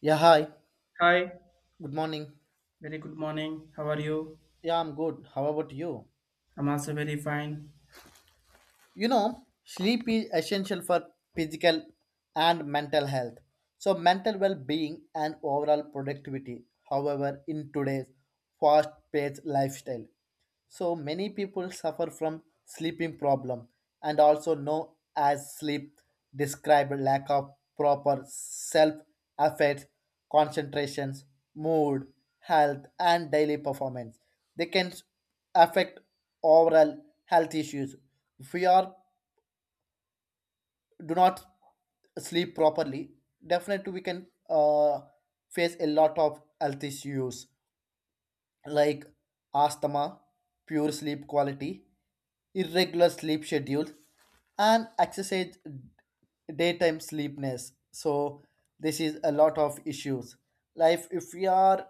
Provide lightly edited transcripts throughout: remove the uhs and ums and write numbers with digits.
Yeah, hi. Hi, Good morning. very good morning. How are you? Yeah, I'm good. How about you? I'm also very fine. You know, sleep is essential for physical and mental health. So, mental well being and overall productivity. However, in today's fast paced lifestyle. So many people suffer from sleeping problem and also known as sleep describe lack of proper self affect concentrations mood health and daily performance they can affect overall health issues if we are do not sleep properly definitely we can face a lot of health issues like asthma, poor sleep quality, irregular sleep schedule, and excessive daytime sleepiness. So this is a lot of issues. Life if we are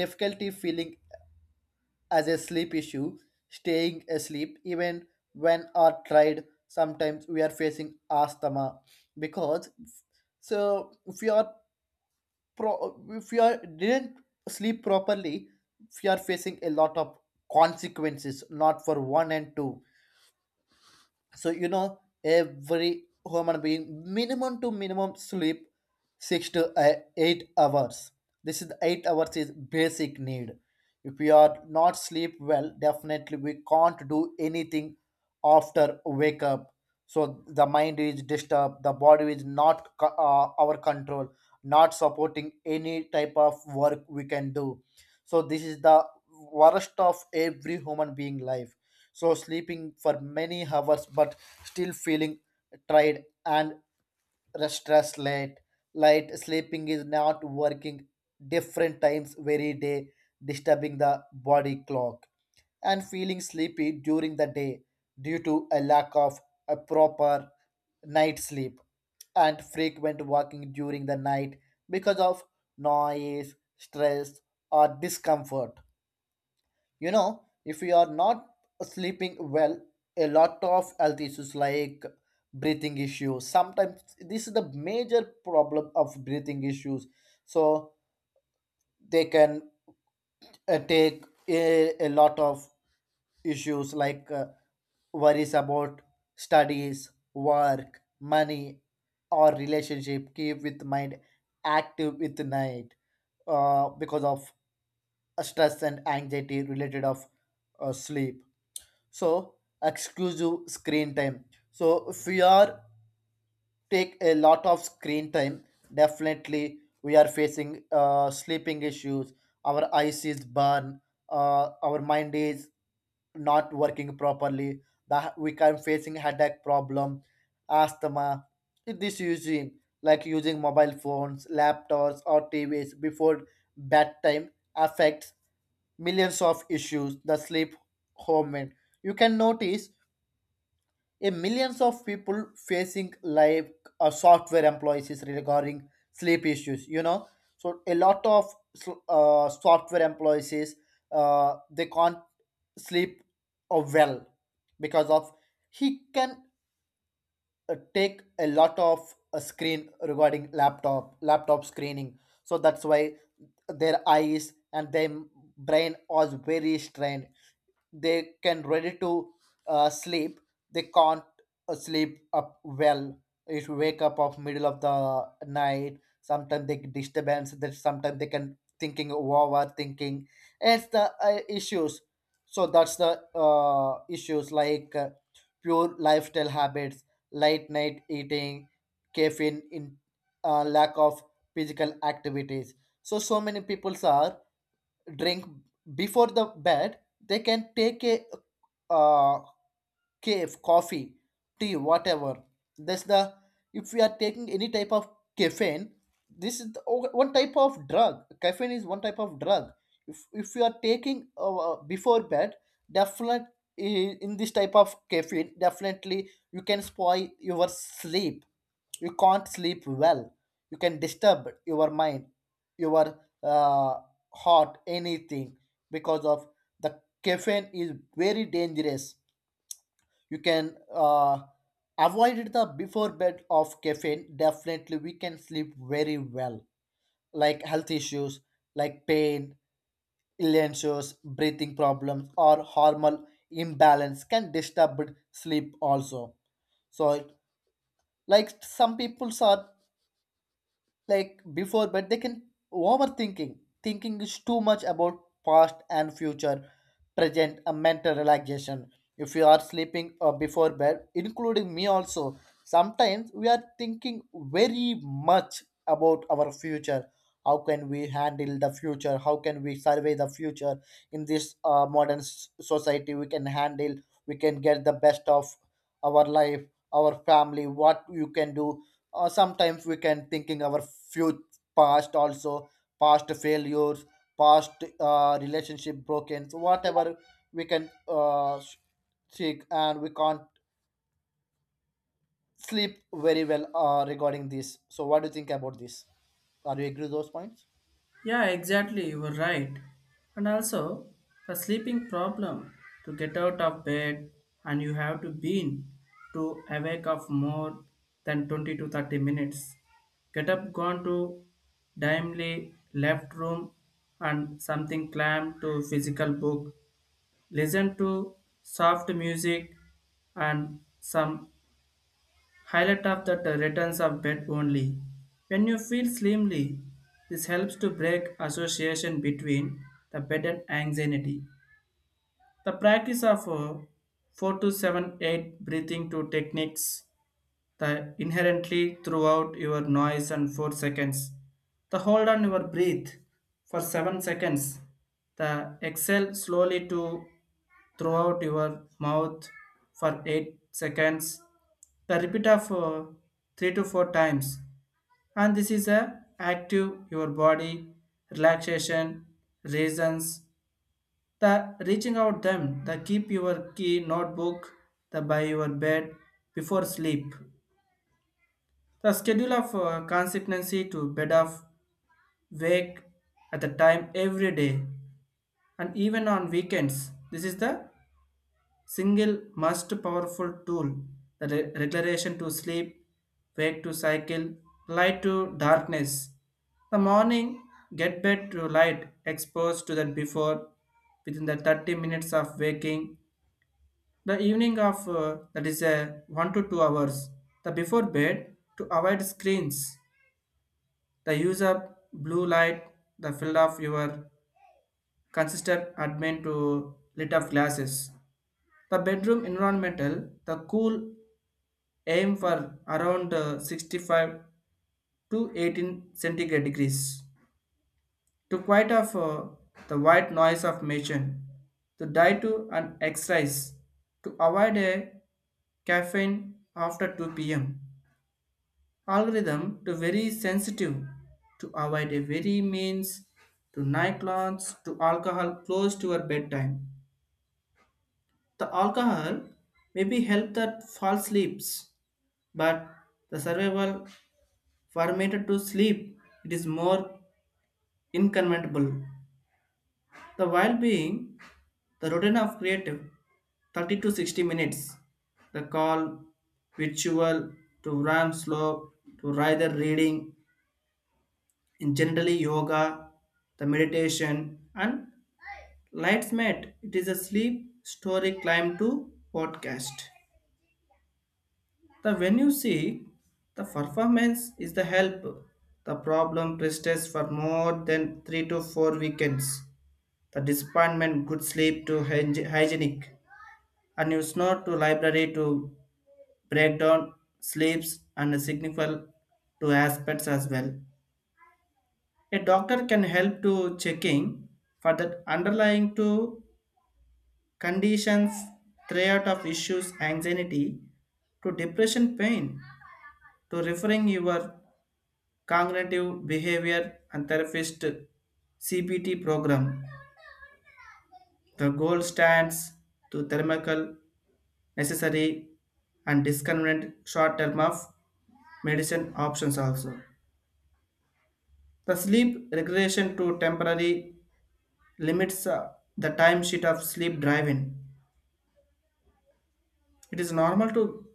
difficulty feeling as a sleep issue, staying asleep even when are tried, sometimes we are facing asthma because so if we are if you are didn't sleep properly, you are facing a lot of consequences, not for one and two. So you know every human being minimum to minimum sleep six to eight hours. This is 8 hours is basic need. If we are not sleep well definitely we can't do anything after wake up. So the mind is disturbed, the body is not our control, not supporting any type of work we can do. So this is the worst of every human being life. So sleeping for many hours but still feeling tired and restless, late light sleeping is not working, different times very day, disturbing the body clock and feeling sleepy during the day due to a lack of a proper night sleep and frequent walking during the night because of noise stress or discomfort. You know if you are not sleeping well, a lot of health issues like breathing issues, sometimes this is the major problem of breathing issues. So they can take a lot of issues like worries about studies, work, money, or relationship. Keep with mind active with night because of stress and anxiety related of sleep. So exclusive screen time. So if we are take a lot of screen time. Definitely, we are facing sleeping issues. Our eyes is burn. Our mind is not working properly. That we can facing headache problem, asthma. This using like using mobile phones, laptops, or TVs before bedtime affects millions of issues. The sleep hormone. You can notice a millions of people facing like software employees is regarding sleep issues. You know, so a lot of software employees is, they can't sleep well because of he can take a lot of screen regarding laptop screening. So that's why their eyes and their brain was very strained. They can ready to sleep, they can't sleep up well. If you wake up of middle of the night sometimes they disturbance that, sometimes they can thinking over thinking. It's the issues. So that's the issues like pure lifestyle habits, late night eating, caffeine in, lack of physical activities. So so many people are drink before the bed. They can take a uh, cave, coffee, tea, whatever. That's the, if we are taking any type of caffeine, this is the, one type of drug. Caffeine is one type of drug. If you are taking before bed, definitely in this type of caffeine, definitely you can spoil your sleep. You can't sleep well. You can disturb your mind, your uh, heart, anything because of the caffeine is very dangerous. You can avoid the before bed of caffeine, definitely we can sleep very well. Like health issues like pain, illnesses, breathing problems or hormonal imbalance can disturb sleep also. So like some people are like before, but they can overthinking, thinking is too much about past and future, present a mental relaxation. If you are sleeping before bed, including me also, sometimes we are thinking very much about our future. How can we handle the future, how can we survey the future in this modern society. We can handle, we can get the best of our life, our family, what you can do. Or sometimes we can thinking our future, past also, past failures, past relationship broken, so whatever we can seek, and we can't sleep very well regarding this. So what do you think about this? Are you agree with those points? Yeah, exactly, you were right. And also, the sleeping problem to get out of bed and you have to be in to awake of more than 20 to 30 minutes. Get up, gone to dimly left room and something clam to physical book. Listen to soft music and some highlight of the returns of bed only. When you feel slimly, this helps to break association between the bed and anxiety. The practice of 4 to 7 8 breathing to techniques the inherently throughout your noise and 4 seconds the hold on your breath for 7 seconds the exhale slowly to throughout your mouth for 8 seconds the repeat of 3 to 4 times. And this is a active your body relaxation reasons the reaching out them the keep your key notebook the by your bed before sleep the schedule of consistency to bed of wake at the time every day and even on weekends. This is the single most powerful tool. The regulation to sleep, wake to cycle, light to darkness. The morning get bed to light exposed to that before within the 30 minutes of waking. The evening of that is 1 to 2 hours. The before bed to avoid screens. The use of blue light, the field of your consistent admin to lit up glasses. The bedroom environmental, the cool aim for around 65 to 18 centigrade degrees. To quiet off the white noise of machine, to die to an exercise, to avoid a caffeine after 2 p.m. Algorithm to very sensitive to avoid a very means to night launch to alcohol close to your bedtime. The alcohol maybe help that fall sleeps, but the survival formatted to sleep, it is more inconvenientable. The while being the routine of creative 30 to 60 minutes. The call, ritual, to run slow, to rather reading, in generally yoga, the meditation, and lights mat. It is a sleep story climb to podcast. The when you see the performance is the help. The problem persists for more than three to four weekends. The disappointment, good sleep to hygienic, and you snore to library to break down sleeps and significant to aspects as well. A doctor can help to checking for that underlying to conditions, threat of issues, anxiety, to depression, pain, to referring your cognitive behavior and therapist CBT program. The goal stands to thermical, necessary, and discriminant short term of medicine options also. The sleep regulation to temporary limits the time sheet of sleep driving. It is normal to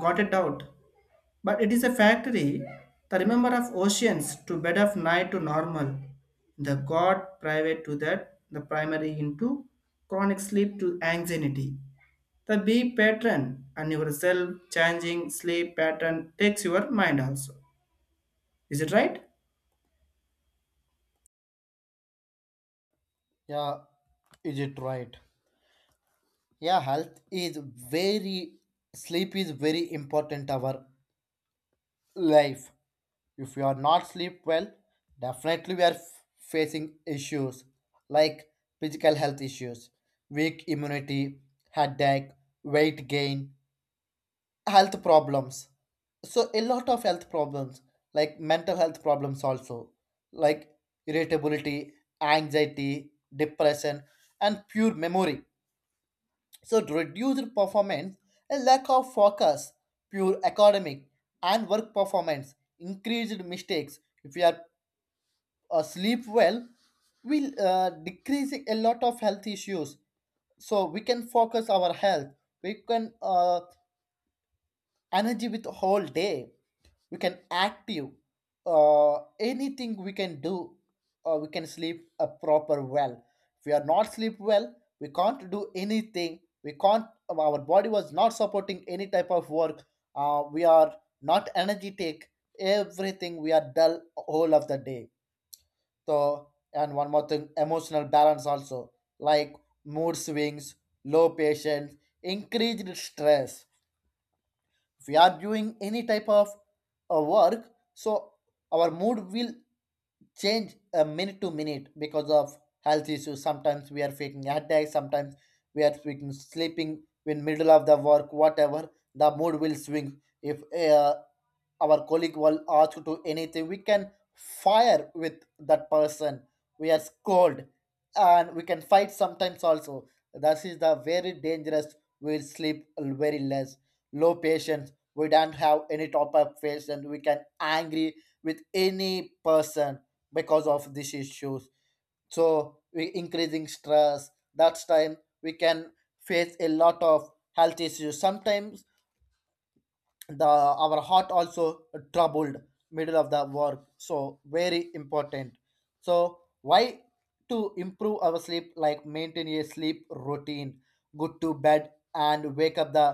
got it out, but it is a factory. The remember of oceans to bed of night to normal. The God private to that, the primary into chronic sleep to anxiety. The B pattern and your self changing sleep pattern takes your mind also. Is it right? Yeah. Is it right? Yeah, health is very, sleep is very important our life. If you are not sleep well, definitely we are facing issues like physical health issues, weak immunity, headache, weight gain, health problems. So a lot of health problems like mental health problems also, like irritability, anxiety, depression and poor memory. So to reduce the performance, a lack of focus, poor academic and work performance, increased mistakes. If you are sleep well, will decrease a lot of health issues. So we can focus our health, we can energy with whole day, we can active anything we can do, we can sleep a proper well. If we are not sleep well we can't do anything, we can't, our body was not supporting any type of work, we are not energetic, everything we are dull whole of the day. So, and one more thing, emotional balance also, like mood swings, low patience, increased stress. If we are doing any type of work, so our mood will change a minute to minute because of health issues. Sometimes we are faking headaches. Sometimes we are faking sleeping in middle of the work, whatever. The mood will swing. If our colleague will ask to anything, we can fire with that person. We are scold and we can fight sometimes also. This is the very dangerous. We'll sleep very less. Low patience. We don't have any top up face and we can angry with any person because of these issues. So we increasing stress, that's time we can face a lot of health issues. Sometimes the our heart also troubled middle of the work, so very important. So why, to improve our sleep, like maintain a sleep routine, go to bed and wake up the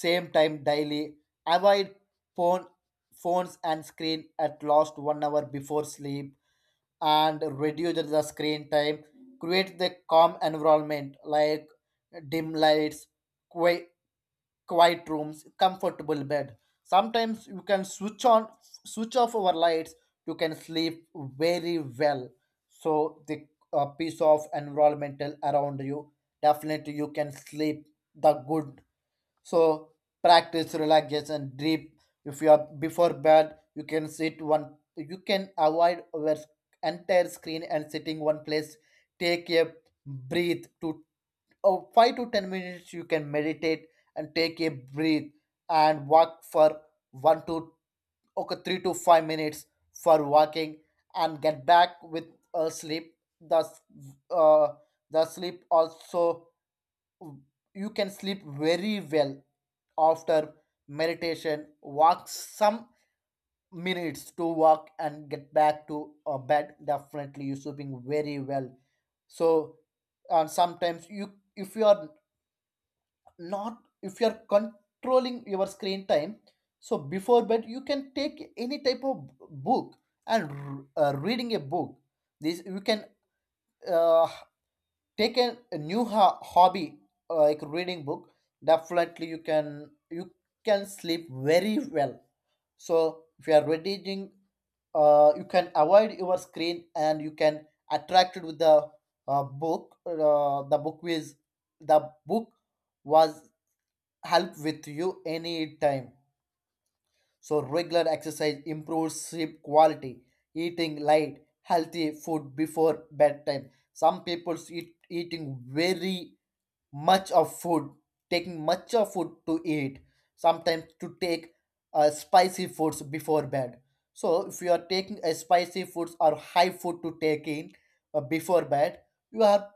same time daily, avoid phone phones and screen at last 1 hour before sleep and reduce the screen time, create the calm environment like dim lights, quiet quiet rooms, comfortable bed. Sometimes you can switch on, switch off our lights, you can sleep very well. So the piece of environmental around you, definitely you can sleep the good. So practice relaxation, deep. If you are before bed, you can sit one. You can avoid your entire screen and sitting one place. Take a breathe to oh, 5 to 10 minutes. You can meditate and take a breathe and walk for one to okay 3 to 5 minutes for walking and get back with a sleep. Thus, uh, the sleep also, you can sleep very well after meditation walk some minutes to walk and get back to a bed, definitely you're sleeping very well. So, and sometimes you, if you are not, if you are controlling your screen time, so before bed you can take any type of book and reading a book. This you can uh, take an, a new hobby like reading book, definitely you can sleep very well. So if you are reading you can avoid your screen and you can attract it with the book. The book is the book was help with you any time. So regular exercise improves sleep quality, eating light healthy food before bedtime. Some people eat eating very much of food, taking much of food to eat, sometimes to take spicy foods before bed. So if you are taking a spicy foods or high food to take in before bed, you are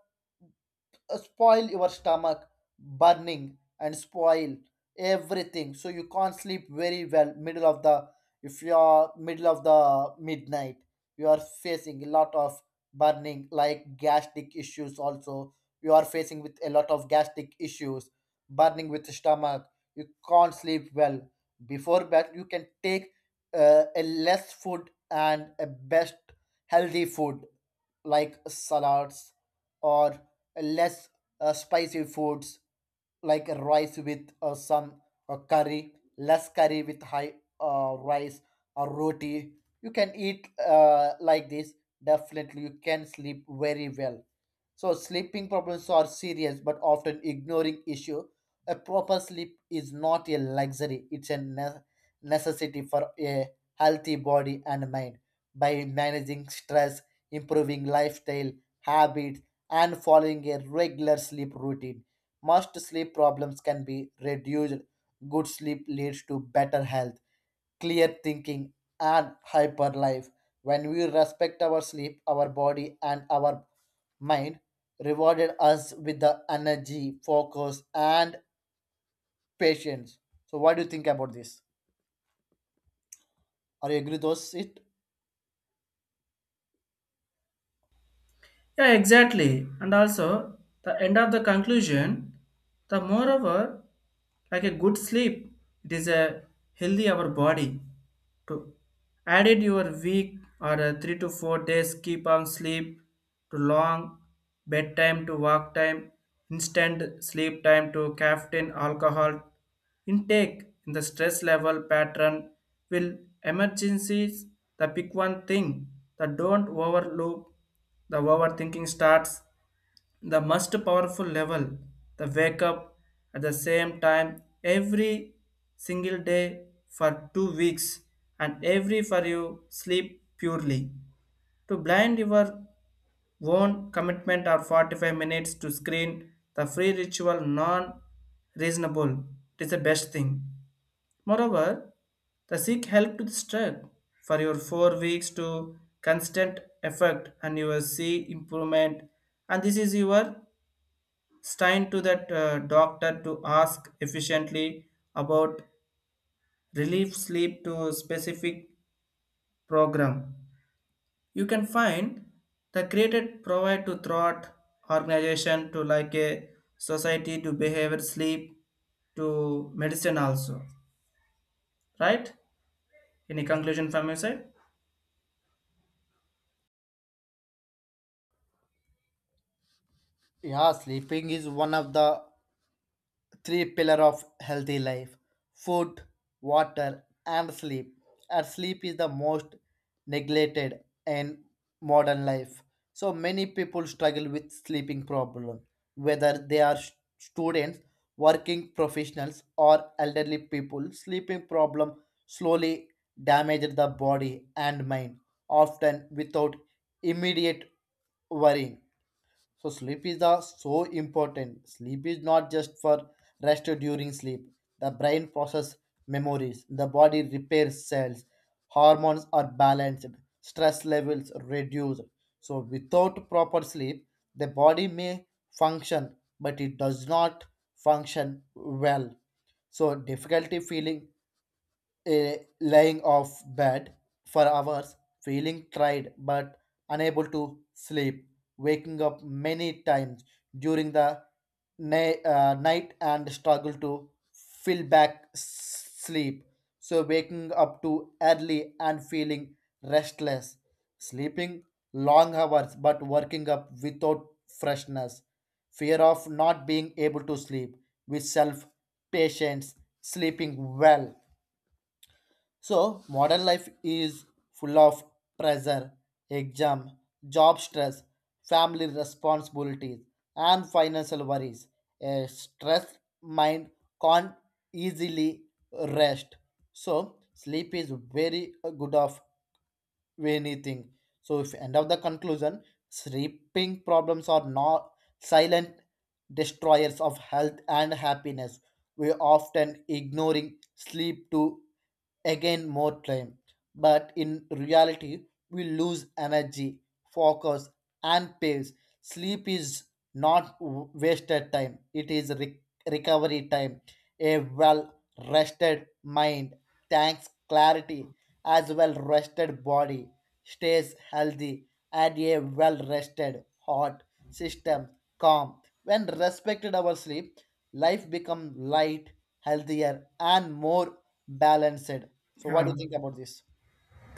spoil your stomach burning and spoil everything, so you can't sleep very well middle of the, if you are middle of the midnight, you are facing a lot of burning like gastric issues also. You are facing with a lot of gastric issues, burning with stomach, you can't sleep well. Before bed you can take a less food and a best healthy food like salads or less spicy foods like rice with some curry, less curry with high rice or roti. You can eat like this. Definitely, you can sleep very well. So sleeping problems are serious but often ignoring issue. A proper sleep is not a luxury; it's a necessity for a healthy body and mind. By managing stress, improving lifestyle habits, and following a regular sleep routine. Most sleep problems can be reduced. Good sleep leads to better health, clear thinking, and hyper life. When we respect our sleep, our body, and our mind rewarded us with the energy, focus, and patience. So, what do you think about this? Are you agree those it? Yeah, exactly. And also, the end of the conclusion, the moreover, like a good sleep, it is a healthy our body to added your week or a 3 to 4 days keep on sleep to long bedtime to work time instant sleep time to caffeine alcohol intake in the stress level pattern will emergencies the pick one thing, the don't overlook the overthinking starts the most powerful level, the wake up at the same time every single day for 2 weeks and every for you sleep purely to blind your own commitment or 45 minutes to screen the free ritual non reasonable. It is the best thing. Moreover, the seek help to the stroke for your 4 weeks to constant effect and you will see improvement. And this is your Stein to that doctor to ask efficiently about relief sleep to specific program. You can find the created provide to throughout organization to like a society to behavior sleep to medicine also. Right? Any conclusion from your side? Yeah, sleeping is one of the three pillar of healthy life, food, water and sleep. And sleep is the most neglected in modern life. So many people struggle with sleeping problem, whether they are students, working professionals, or elderly people. Sleeping problem slowly damages the body and mind, often without immediate worrying. So sleep is the so important. Sleep is not just for rest during sleep. The brain process memories, the body repairs cells, hormones are balanced, stress levels reduced. So without proper sleep, the body may function, but it does not function well. So difficulty feeling, eh, lying off bed for hours, feeling tired but unable to sleep, waking up many times during the night and struggle to fill back sleep. So, waking up too early and feeling restless, sleeping long hours but working up without freshness, fear of not being able to sleep with self patience, sleeping well. So, modern life is full of pressure, exam, job stress, family responsibilities, and financial worries. A stressed mind can't easily rest. So, sleep is very good of anything. So if end of the conclusion, sleeping problems are not silent destroyers of health and happiness. We often ignoring sleep to again more time. But in reality, we lose energy, focus, and pace. Sleep is not wasted time, it is recovery time. A well rested mind thanks clarity as well rested body stays healthy and a well rested heart system calm when respected our sleep life become light, healthier and more balanced. So what do Yeah. you think about this?